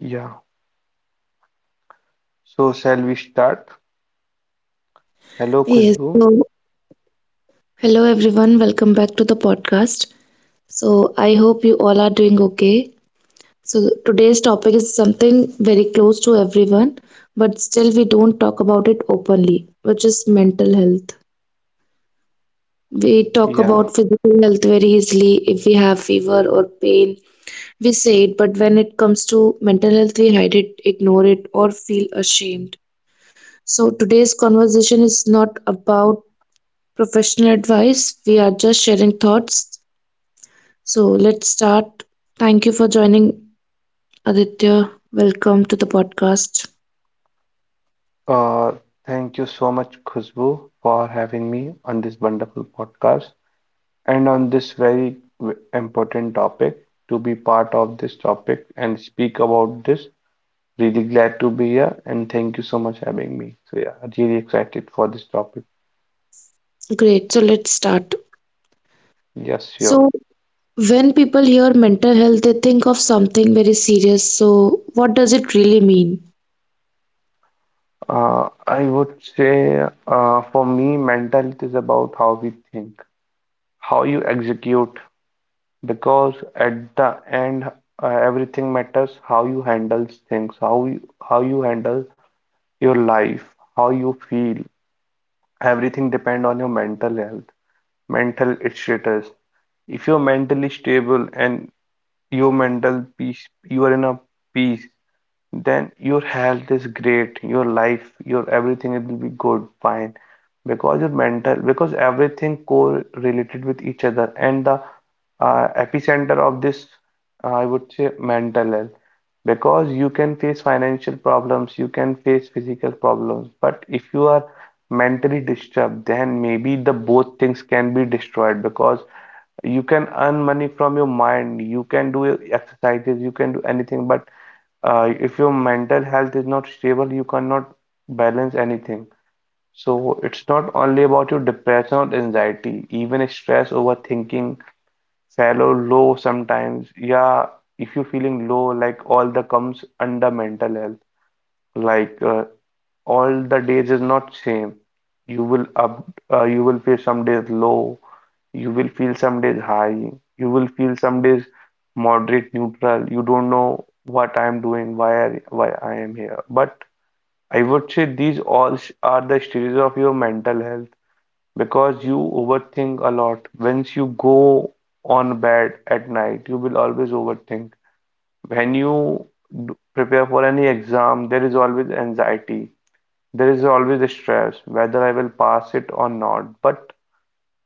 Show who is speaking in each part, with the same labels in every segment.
Speaker 1: Yeah. So shall we start? Hello,
Speaker 2: Yes,
Speaker 1: Khushbu.
Speaker 2: so hello everyone, welcome back to the podcast. So, I hope you all are doing okay. So, today's topic is something very close to everyone, but still we don't talk about it openly, which is mental health. We talk
Speaker 1: Yeah.
Speaker 2: about physical health very easily if we have fever or pain. We say it, but when it comes to mental health, we hide it, ignore it, or feel ashamed. So, today's conversation is not about professional advice. We are just sharing thoughts. So let's start. Thank you for joining, Aditya. Welcome to the podcast.
Speaker 1: Uh, thank you so much, Khushbu, for having me on this wonderful podcast and on this very important topic. To be part of this topic and speak about this. Really glad to be here and thank you so much having me. So yeah, really excited for this topic.
Speaker 2: Great. So let's start.
Speaker 1: Yes, sure.
Speaker 2: So, when people hear mental health, they think of something very serious. So, what does it really mean?
Speaker 1: I would say, for me, mental health is about how we think, how you execute, because at the end, everything matters how you handle things, how you handle your life, how you feel. Everything depend on your mental health, mental status. If you're mentally stable and your mental peace, you are in a peace, then your health is great, your life, your everything it will be good, fine. Because your mental, because everything correlated with each other, and the epicenter of this, I would say, mental health. Because you can face financial problems, you can face physical problems, but if you are mentally disturbed, then maybe the both things can be destroyed because you can earn money from your mind, you can do exercises, you can do anything. But if your mental health is not stable, you cannot balance anything. So it's not only about your depression or anxiety, even stress, overthinking, fellow low sometimes. Yeah, if you're feeling low, like all the comes under mental health, like all the days is not same. You will up, you will feel some days low, you will feel some days high, you will feel some days moderate, neutral. You don't know what I am doing, why I am here. But I would say these all are the stages of your mental health because you overthink a lot. Once you go on bed at night, you will always overthink. When you prepare for any exam, there is always anxiety. There is always a stress whether I will pass it or not. But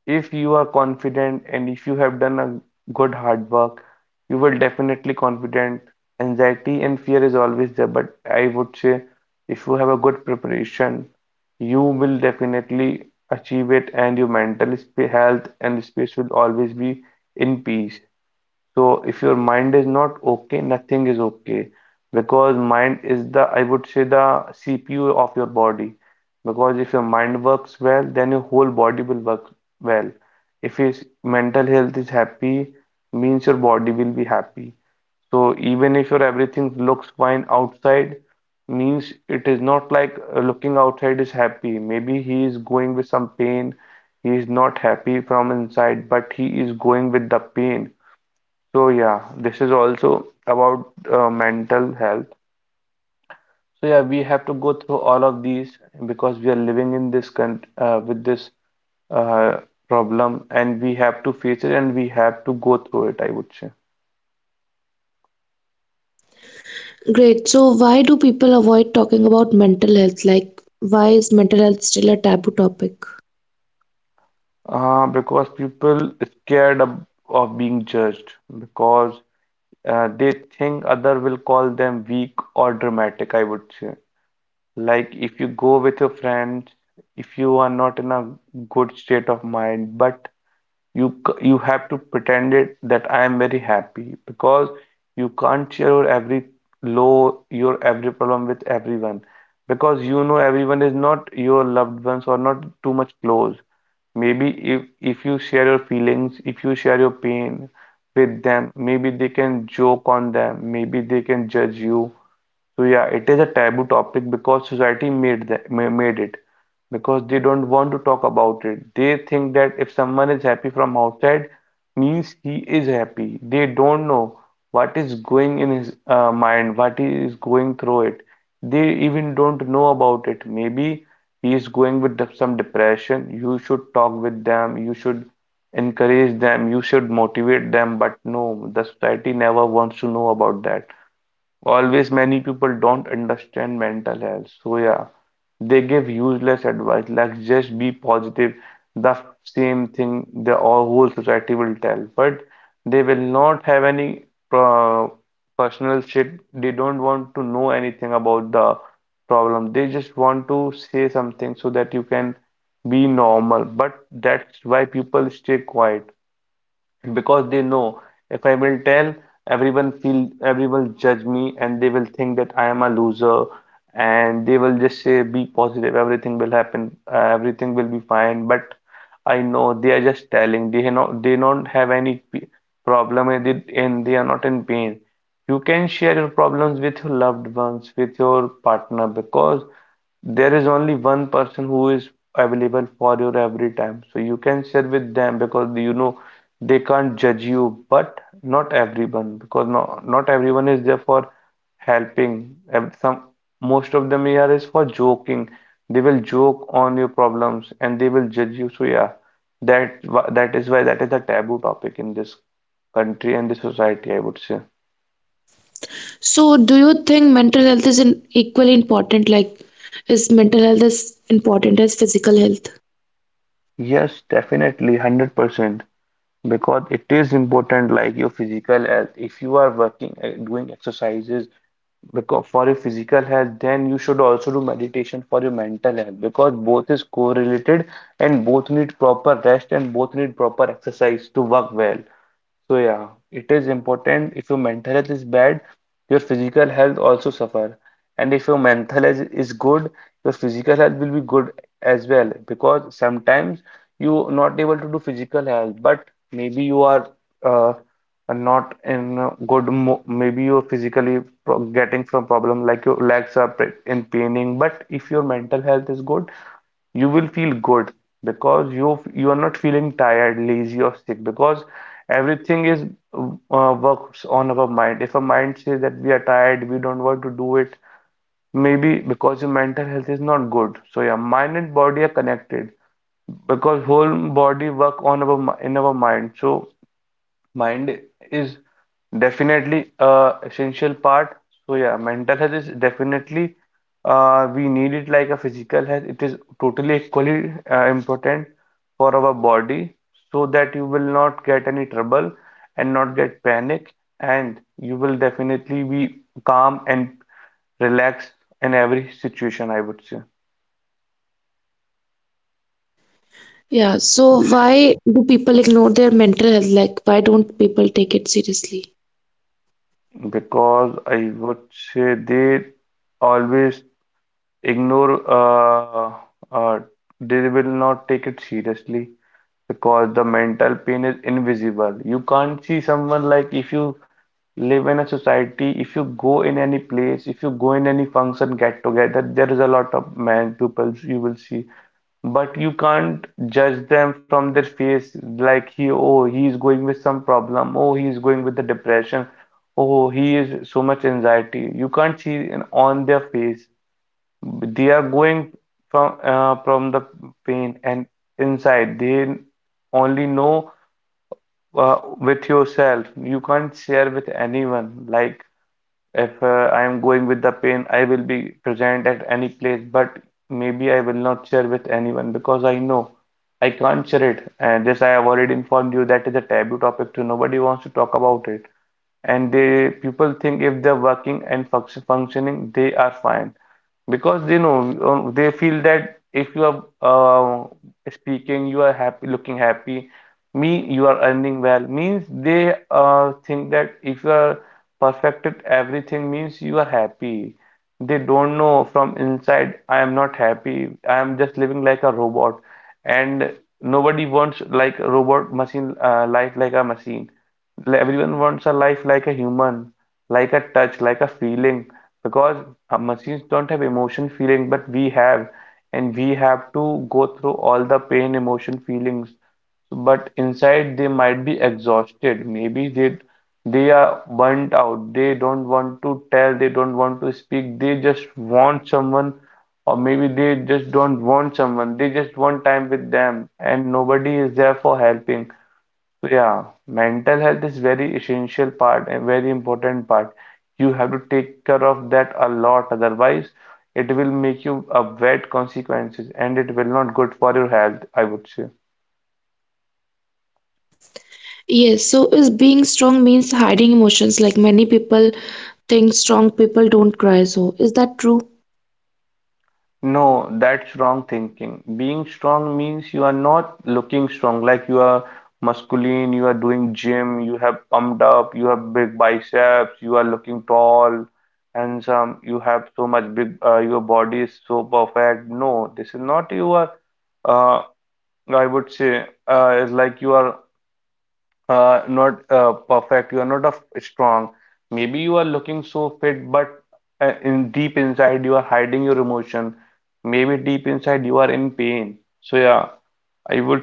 Speaker 1: if you are confident and if you have done a good hard work, you will definitely confident. Anxiety and fear is always there, but I would say if you have a good preparation, you will definitely achieve it and your mental sp health and space will always be in peace. So if your mind is not okay, nothing is okay because mind is the, I would say, the CPU of your body. Because if your mind works well, then your whole body will work well. If your mental health is happy, means your body will be happy. So even if your everything looks fine outside, means it is not like looking outside is happy. Maybe he is going with some pain, he is not happy from inside, but he is going with the pain. So yeah, this is also about mental health. So yeah, we have to go through all of these because we are living in this con with this uh, problem, and we have to face it, and we have to go through it, I would say.
Speaker 2: Great. So, why do people avoid talking about mental health? Like, why is mental health still a taboo topic?
Speaker 1: Because people is scared of being judged because they think other will call them weak or dramatic. I would say, like if you go with your friends, if you are not in a good state of mind, but You you have to pretend it that I am very happy because you can't share your every low, your every problem with everyone because you know everyone is not your loved ones or not too much close. Maybe if you share your feelings, if you share your pain with them, maybe they can joke on them, maybe they can judge you. So yeah, it is a taboo topic because society made that made it because they don't want to talk about it. They think that if someone is happy from outside, means he is happy. They don't know what is going in his mind, what he is going through it. They even don't know about it. Maybe he is going with some depression. You should talk with them. You should encourage them. You should motivate them. But no, the society never wants to know about that. Always many people don't understand mental health. So yeah, they give useless advice like just be positive, the same thing the all whole society will tell. But they will not have any uh, personal shit. They don't want to know anything about the problem. They just want to say something so that you can be normal. But that's why people stay quiet because they know if I will tell, everyone feel everyone judge me and they will think that I am a loser and they will just say be positive, everything will happen, everything will be fine. But I know they are just telling, they not they don't have any problem with it and they are not in pain. You can share your problems with your loved ones, with your partner, because there is only one person who is available for your every time so you can share with them because you know they can't judge you but not everyone because not everyone is there for helping. Some most of them here is for joking. They will joke on your problems and they will judge you. So yeah, that is why that is a taboo topic in this country and the society, I would say.
Speaker 2: So, do you think mental health is, in, equally important? Like, is mental health as important as physical health?
Speaker 1: Yes, definitely 100% because it is important like your physical health. If you are working, doing exercises because for your physical health, then you should also do meditation for your mental health because both is correlated and both need proper rest and both need proper exercise to work well. So yeah, it is important. If your mental health is bad, your physical health also suffer. And if your mental health is good, your physical health will be good as well. Because sometimes you not able to do physical health, but maybe you are uh, and not in a good mo maybe you're physically getting from problem like your legs are in paining but if your mental health is good you will feel good because you are not feeling tired, lazy or sick because everything is works on our mind. If a mind says that we are tired, we don't want to do it maybe because your mental health is not good. So yeah, mind and body are connected because whole body work on our in our mind. So mind is definitely a essential part. So yeah, mental health is definitely we need it like a physical health. It is totally equally important for our body so that you will not get any trouble and not get panic and you will definitely be calm and relaxed in every situation, I would say.
Speaker 2: Yeah, so
Speaker 1: This
Speaker 2: why do people ignore their mental health? Like, why don't people take it seriously?
Speaker 1: because I would say they always ignore uh, they will not take it seriously because the mental pain is invisible. You can't see someone. Like if you live in a society, if you go in any place, if you go in any function get together, there is a lot of man pupils you will see. But you can't judge them from their face like he, oh, he is going with some problem, oh, he is going with the depression, oh, he is so much anxiety. You can't see in, on their face. They are going from the pain and inside. They only know with yourself. You can't share with anyone. Like if I am going with the pain, I will be present at any place, but maybe I will not share with anyone because I know I can't share it. And this I have already informed you that is a taboo topic too. Nobody wants to talk about it and they people think if they're working and function, functioning they are fine because they know they feel that if you are speaking you are happy looking happy me you are earning well means they think that if you are perfected everything means you are happy. They don't know from inside I am not happy, I am just living like a robot and nobody wants like a robot machine life like a machine like, everyone wants a life like a human, like a touch, like a feeling, because machines don't have emotion, feeling, but we have, and we have to go through all the pain, emotion, feelings. But inside, they might be exhausted. Maybe they are burnt out. They don't want to tell. They don't want to speak. They just want someone, or maybe they just don't want someone. They just want time with them, and nobody is there for helping. So yeah, mental health is very essential part and very important part. You have to take care of that a lot, otherwise it will make you a bad consequences and it will not good for your health, I would say.
Speaker 2: Yes, so is being strong means hiding emotions. Like, many people think strong people don't cry. So, is that true?
Speaker 1: No, that's wrong thinking. Being strong means you are not looking strong, like you are musculine, you are doing gym, you have pumped up, you have big biceps, you are looking tall, handsome, you have so much big, your body is so perfect. No, this is not you are uh, I would say is like you are not perfect, you are not a strong. Maybe you are looking so fit, but in deep inside you are hiding your emotion. Maybe deep inside you are in pain. So yeah, I would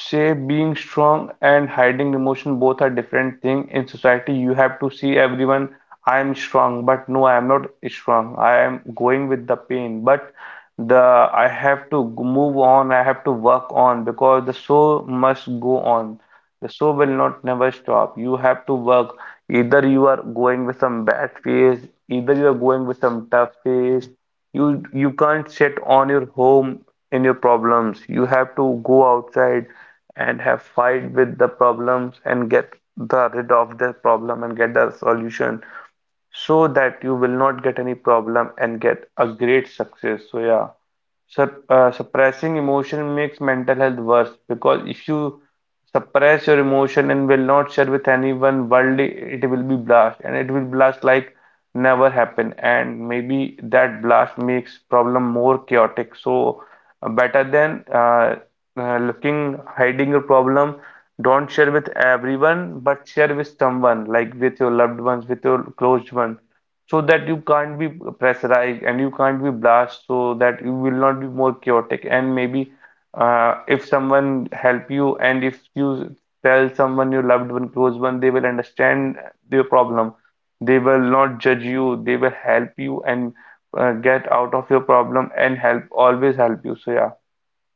Speaker 1: say being strong and hiding emotion both are different thing. In society you have to see everyone, I am strong, but no, I am not strong. I am going with the pain, but the I have to move on. I have to work on because the show must go on. The show will not never stop. You have to work. Either you are going with some bad phase, either you are going with some tough phase. You can't sit on your home in your problems. You have to go outside and have fight with the problems and get the rid of the problem and get the solution so that you will not get any problem and get a great success. So yeah, suppressing emotion makes mental health worse because if you suppress your emotion and will not share with anyone worldly, it will be blast and it will blast like never happen. And maybe that blast makes problem more chaotic. So uh, better than uh, hiding your problem. Don't share with everyone, but share with someone, like with your loved ones, with your close one so that you can't be pressurized and you can't be blast so that you will not be more chaotic. And maybe if someone help you, and if you tell someone your loved one close one, they will understand your problem. They will not judge you, they will help you, and get out of your problem and help always help you. So yeah,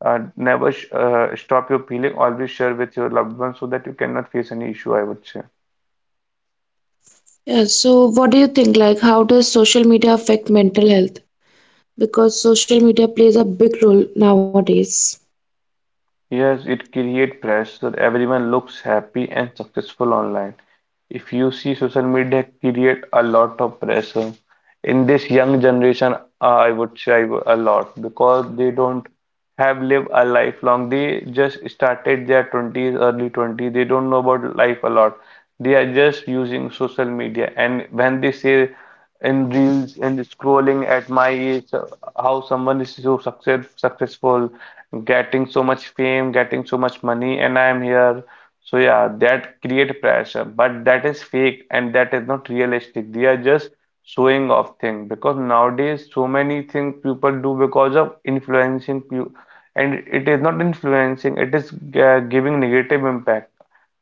Speaker 1: never sh stop your feeling, always share with your loved one so that you cannot face any issue, I would say.
Speaker 2: Yeah, so what do you think? Like, how does social media affect mental health? Because social media plays a big role nowadays.
Speaker 1: Yes, it creates pressure. Everyone looks happy and successful online. If you see, social media create a lot of pressure in this young generation, I would say a lot, because they don't have lived a lifelong. They just started their 20s, early 20s. They don't know about life a lot. They are just using social media, and when they say in reels and scrolling at my age, how someone is so successful, getting so much fame, getting so much money, and I am here. So yeah, that create pressure, but that is fake and that is not realistic. They are just showing off thing, because nowadays so many things people do because of influencing you, and it is not influencing, it is giving negative impact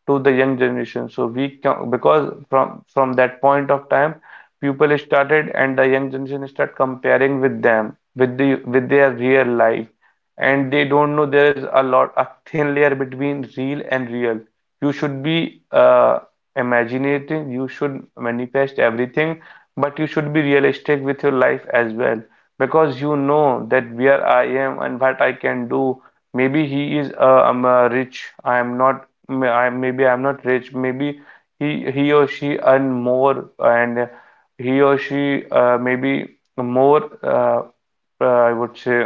Speaker 1: to the young generation. So we can, because from that point of time, people started and the young generation start comparing with them, with their real life, and they don't know there's a lot a thin layer between real and real. You should be imaginating, you should manifest everything, but you should be realistic with your life as well, because you know that where I am and what I can do. Maybe he is rich, I am not maybe I'm not rich. Maybe he or she earn more, and he or she maybe more I would say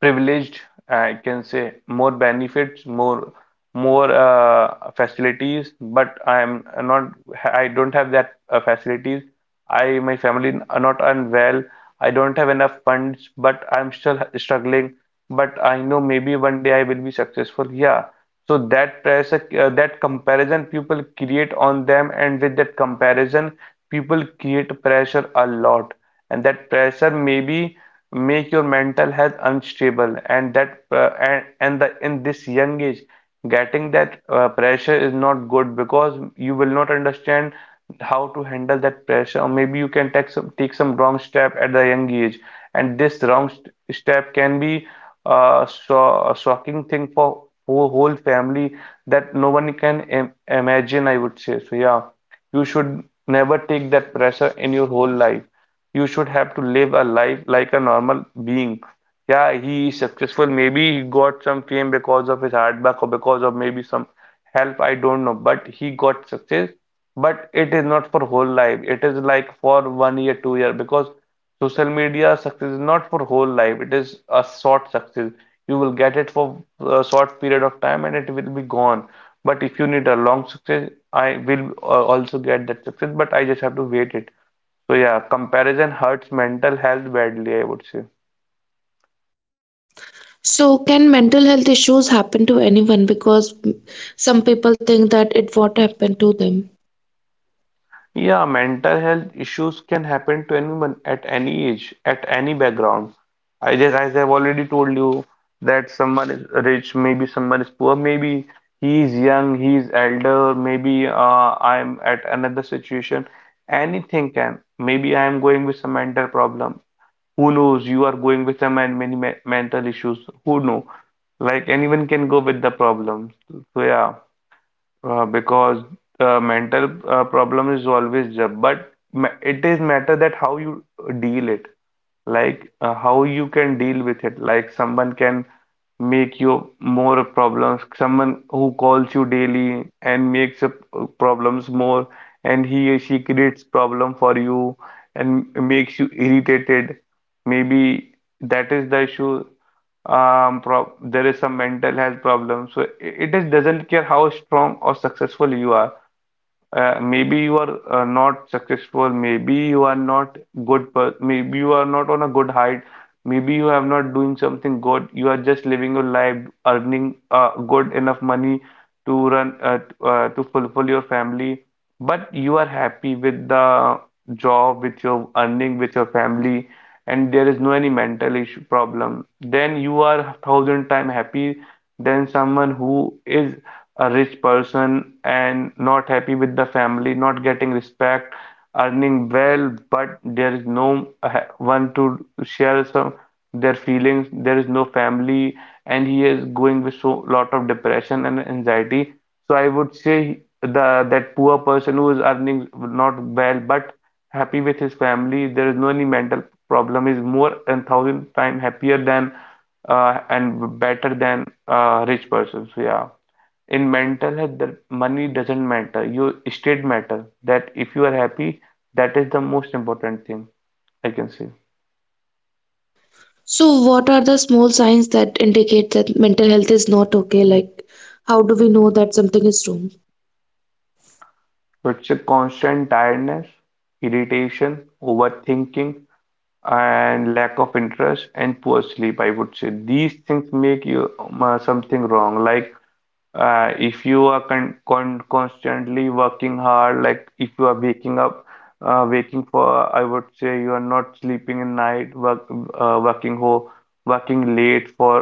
Speaker 1: privileged, I can say more benefits, more facilities, but I'm not, I don't have that facilities. My family are not unwell. I don't have enough funds, but I'm still struggling. But I know maybe one day I will be successful. Yeah. So that that comparison people create on them, and with that comparison, people create pressure a lot, and that pressure maybe make your mental health unstable, and that and the in this young age getting that pressure is not good, because you will not understand how to handle that pressure, or maybe you can take some wrong step at the young age. And this wrong st step can be so a shocking thing for whole family that no one can im imagine, I would say. So yeah, you should never take that pressure in your whole life. You should have to live a life like a normal being. Yeah, he is successful. Maybe he got some fame because of his hard work or because of maybe some help. I don't know. But he got success. But it is not for whole life. It is like for one year, 2 year. Because social media success is not for whole life. It is a short success. You will get it for a short period of time and it will be gone. But if you need a long success, I will also get that success. But I just have to wait it. So yeah, comparison hurts mental health badly, I would say.
Speaker 2: So, can mental health issues happen to anyone? Because some people think that it won't happen to them.
Speaker 1: Yeah, mental health issues can happen to anyone at any age, at any background. I just, as I've already told you, that someone is rich, maybe someone is poor, maybe he is young, he is elder, maybe I'm at another situation. Anything can. Maybe I am going with some mental problem. Who knows? You are going with some and many me mental issues. Who know? Like anyone can go with the problem. So yeah. Uh, because mental problem is always there, but it is matter that how you deal it, like how you can deal with it. Like someone can make you more problems, someone who calls you daily and makes up problems more, and he or she creates problem for you and makes you irritated. Maybe that is the issue. Prob There is some mental health problem. So it is doesn't care how strong or successful you are. Maybe you are not successful, maybe you are not good, per maybe you are not on a good height, maybe you have not doing something good. You are just living your life, earning good enough money to run to fulfill your family, but you are happy with the job, with your earning, with your family, and there is no any mental issue problem. Then you are thousand time happy than someone who is a rich person and not happy with the family, not getting respect, earning well, but there is no one to share some their feelings, there is no family, and he is going with so lot of depression and anxiety. So I would say, the that poor person who is earning not well but happy with his family, there is no any mental problem, is more than thousand times happier than and better than a rich person. So yeah, in mental health the money doesn't matter, your state matter, that if you are happy, that is the most important thing, I can say.
Speaker 2: So, what are the small signs that indicate that mental health is not okay? Like, how do we know that something is wrong?
Speaker 1: So it's a constant tiredness, irritation, overthinking, and lack of interest, and poor sleep, I would say these things make you something wrong. Like, if you are constantly working hard, like if you are waking up, waking for, I would say, you are not sleeping at night, working ho working late for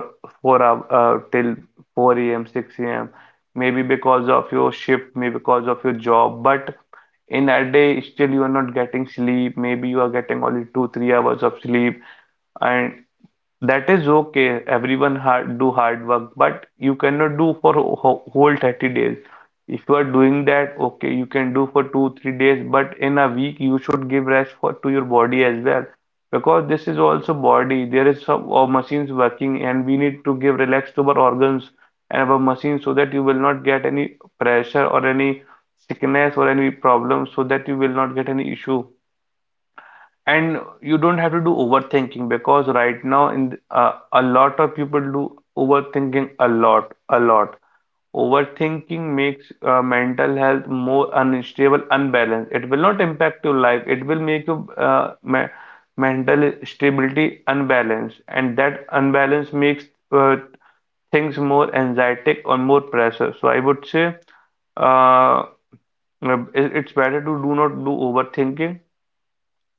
Speaker 1: 4 hour, till 4 a.m., 6 a.m., maybe because of your shift, maybe because of your job, but in a day still you are not getting sleep, maybe you are getting only two, 3 hours of sleep. And that is okay. Everyone hard, do hard work, but you cannot do for whole 30 days. If you are doing that, okay, you can do for two, 3 days, but in a week you should give rest for to your body as well. Because this is also body. There is some machines working and we need to give relax to our organs and our machines so that you will not get any pressure or any sickness or any problem, so that you will not get any issue and you don't have to do overthinking. Because right now a lot of people do overthinking a lot. A lot overthinking makes mental health more unstable, unbalanced. It will not impact your life, it will make your mental stability unbalanced, and that unbalance makes uh, things more anxietic or more pressure. So I would say uh, it's better to do not do overthinking,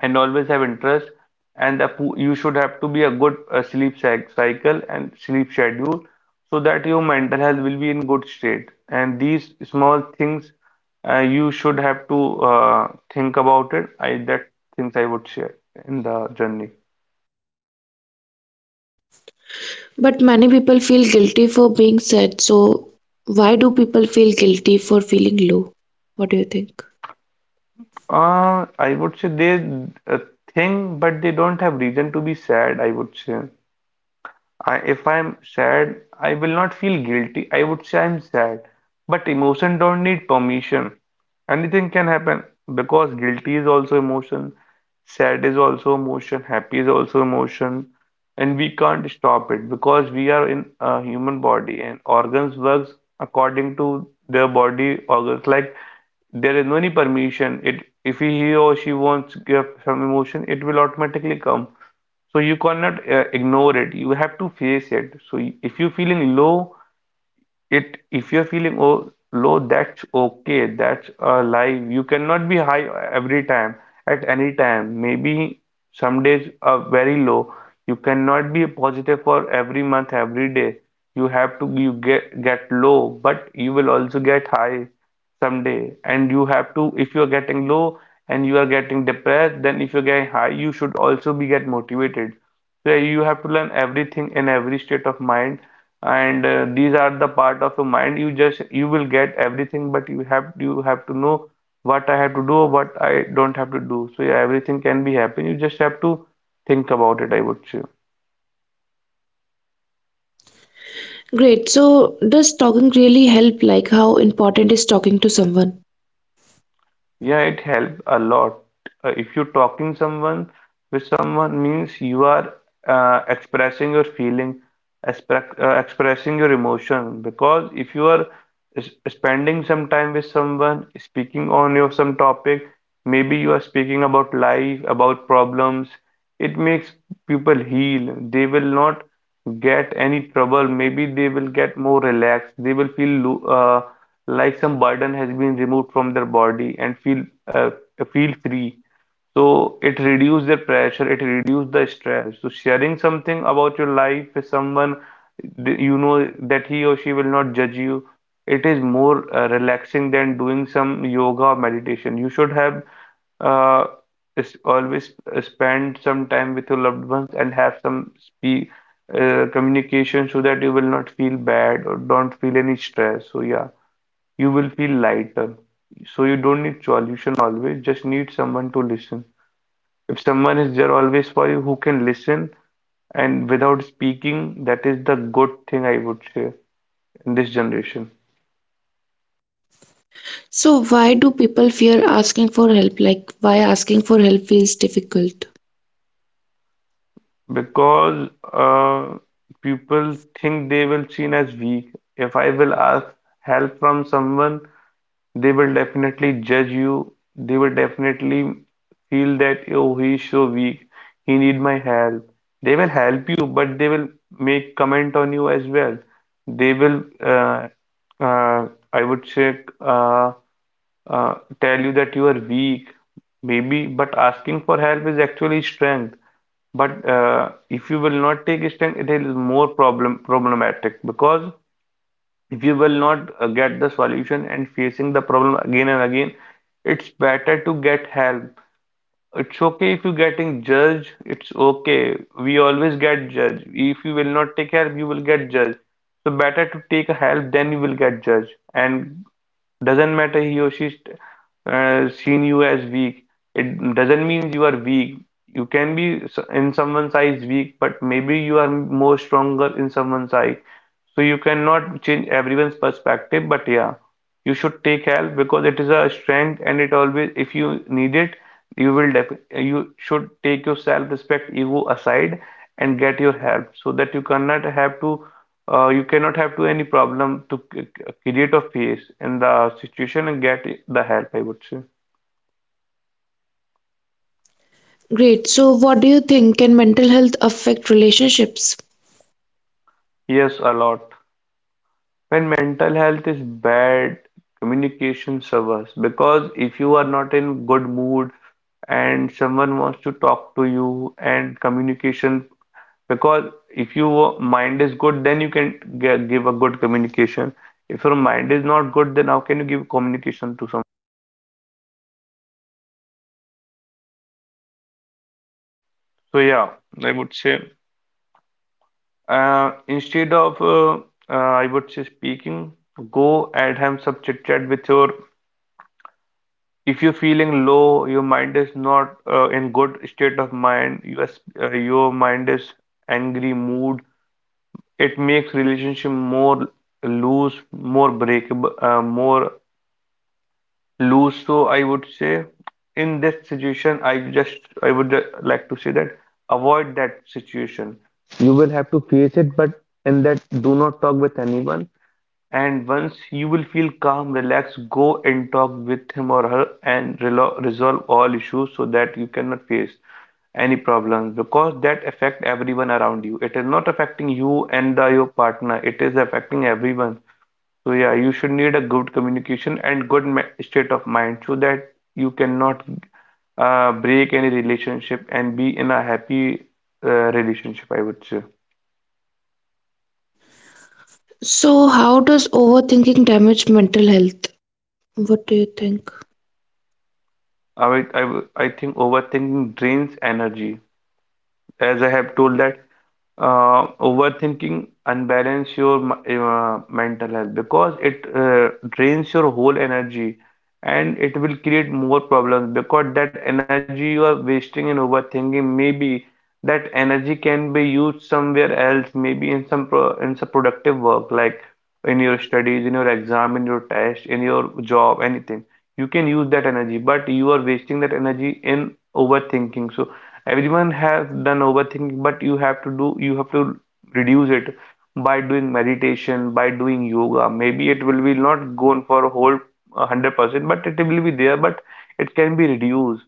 Speaker 1: and always have interest. And the you should have to be a good sleep cycle and sleep schedule so that your mental health will be in good state. And these small things you should have to think about it, I that things I would share in the journey.
Speaker 2: But many people feel guilty for being sad. So, why do people feel guilty for feeling low? What do you think?
Speaker 1: I would say they uh, think but they don't have reason to be sad, I would say. If I'm sad, I will not feel guilty. I would say I'm sad. But emotion don't need permission. Anything can happen because guilty is also emotion, sad is also emotion, happy is also emotion, and we can't stop it because we are in a human body and organs works according to their body organs. Like, there is no any permission. It if he or she wants give some emotion, it will automatically come. So you cannot ignore it. You have to face it. So if you're feeling low, it if you're feeling oh, low, that's okay. That's a life. You cannot be high every time, at any time. Maybe some days are very low. You cannot be positive for every month, every day. You have to you get low, but you will also get high someday. And you have to, if you are getting low and you are getting depressed, then if you're getting high you should also be get motivated. So you have to learn everything in every state of mind, and these are the part of your mind. You just, you will get everything, but you have to know what I have to do, what I don't have to do. So yeah, everything can be happen. You just have to think about it, I would say.
Speaker 2: Great. So, does talking really help? Like, how important is talking to someone?
Speaker 1: Yeah, it helps a lot. If you're talking someone, with someone, means you are expressing your feeling, expressing your emotion. Because if you are spending some time with someone, speaking on your some topic, maybe you are speaking about life, about problems, it makes people heal. They will not get any trouble. Maybe they will get more relaxed. They will feel lo uh, like some burden has been removed from their body and feel feel free. So it reduces their pressure, it reduces the stress. So sharing something about your life with someone, you know that he or she will not judge you. It is more relaxing than doing some yoga or meditation. You should have uh, is always spend some time with your loved ones and have some speak, communication, so that you will not feel bad or don't feel any stress. So yeah. You will feel lighter. So you don't need solution always, just need someone to listen. If someone is there always for you who can listen and without speaking, that is the good thing I would say in this generation.
Speaker 2: So, why do people fear asking for help? Like, why asking for help feels difficult?
Speaker 1: Because people think they will seen as weak. If I will ask help from someone, they will definitely judge you. They will definitely feel that, oh, he is so weak. He need my help. They will help you, but they will make comment on you as well. They will, uh, I would say, uh, tell you that you are weak, maybe, but asking for help is actually strength. But if you will not take strength, it is more problematic because if you will not get the solution and facing the problem again and again, it's better to get help. It's okay if you're getting judged. It's okay, we always get judged. If you will not take help, you will get judged. So better to take a help than you will get judged. And doesn't matter he or she's seen you as weak, it doesn't mean you are weak. You can be in someone's eyes weak, but maybe you are more stronger in someone's eyes. So you cannot change everyone's perspective, but yeah, you should take help because it is a strength. And it always, if you need it, you will def, you should take your self-respect ego aside and get your help so that you cannot have to you cannot have to any problem to create a face in the situation and get the help, I would say.
Speaker 2: Great. So, what do you think? Can mental health affect relationships?
Speaker 1: Yes, a lot. When mental health is bad, communication suffers. Because if you are not in good mood and someone wants to talk to you and communication, because if your mind is good then you can give a good communication. If your mind is not good, then how can you give communication to someone? So yeah, I would say instead of I would say speaking, go and have some chit chat with your. If you're feeling low, your mind is not in good state of mind, you are, your mind is angry mood, it makes relationship more loose, more breakable, more loose. So I would say in this situation, I just, I would like to say that avoid that situation. You will have to face it, but in that do not talk with anyone. And once you will feel calm, relaxed, go and talk with him or her and resolve all issues so that you cannot face any problems. Because that affect everyone around you. It is not affecting you and the, your partner. It is affecting everyone. So yeah, you should need a good communication and good ma state of mind so that you cannot break any relationship and be in a happy relationship, I would say.
Speaker 2: So, how does overthinking damage mental health? What do you think?
Speaker 1: I think overthinking drains energy. As I have told that overthinking unbalance your mental health, because it drains your whole energy and it will create more problems. Because that energy you are wasting in overthinking, maybe that energy can be used somewhere else, maybe in some pro in some productive work, like in your studies, in your exam, in your test, in your job, anything. You can use that energy, but you are wasting that energy in overthinking. So everyone has done overthinking, but you have to do, you have to reduce it by doing meditation, by doing yoga. Maybe it will be not gone for a whole 100%, but it will be there, but it can be reduced.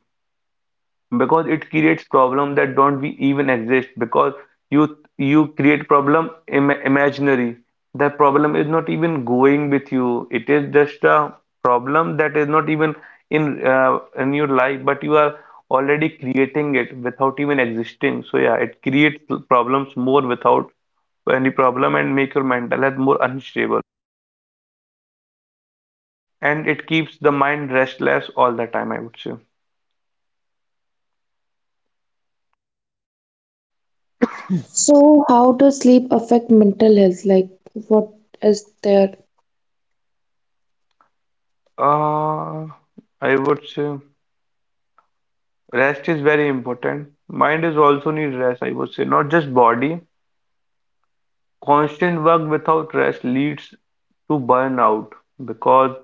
Speaker 1: Because it creates problem that don't be even exist. Because you create problem, Im imaginary, that problem is not even going with you. It is just a problem that is not even in your life, but you are already creating it without even existing. So yeah, it creates problems more without any problem, and make your mental health more unstable, and it keeps the mind restless all the time, I would say.
Speaker 2: So, how does sleep affect mental health? Like, what is there?
Speaker 1: uh I would say rest is very important. Mind is also need rest, I would say, not just body. Constant work without rest leads to burnout, because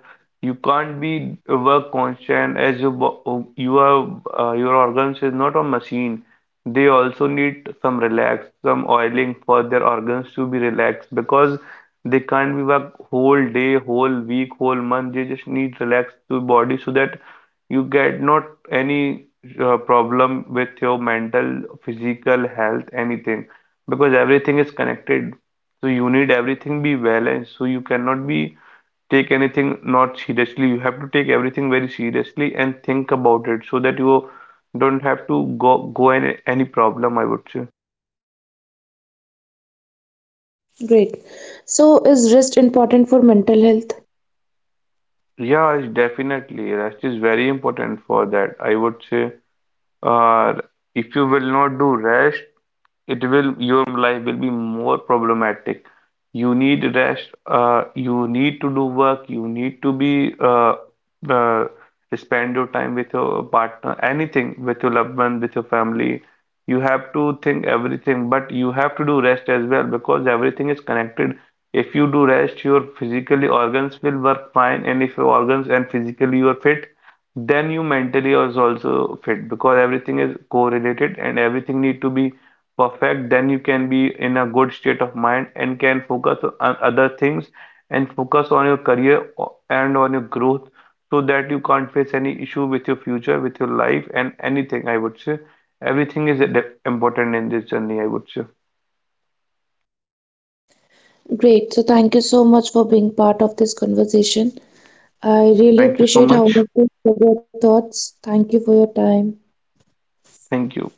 Speaker 1: you can't be work constant as your your organs is not a machine. They also need some relax, some oiling for their organs to be relaxed. Because they can't be work whole day, whole week, whole month. They just need relax to body so that you get not any problem with your mental, physical health, anything. Because everything is connected, so you need everything be balanced. So you cannot be take anything not seriously. You have to take everything very seriously and think about it so that you don't have to go, go any problem, I would say.
Speaker 2: Great. So, is rest important for mental health?
Speaker 1: Yeah, it's definitely. Rest is very important for that. I would say, uh, if you will not do rest, it will, your life will be more problematic. You need rest. You need to do work. You need to be uh, spend your time with your partner, anything, with your loved one, with your family. You have to think everything, but you have to do rest as well because everything is connected. If you do rest, your physically organs will work fine. And if your organs and physically you are fit, then you mentally is also fit. Because everything is correlated and everything need to be perfect, then you can be in a good state of mind and can focus on other things and focus on your career and on your growth so that you can't face any issue with your future, with your life, and anything. I would say everything is important in this journey, I would say.
Speaker 2: Great. So, thank you so much for being part of this conversation. I really
Speaker 1: Thank you so
Speaker 2: appreciate how
Speaker 1: much.
Speaker 2: much you share your thoughts. Thank you for your time.
Speaker 1: Thank you.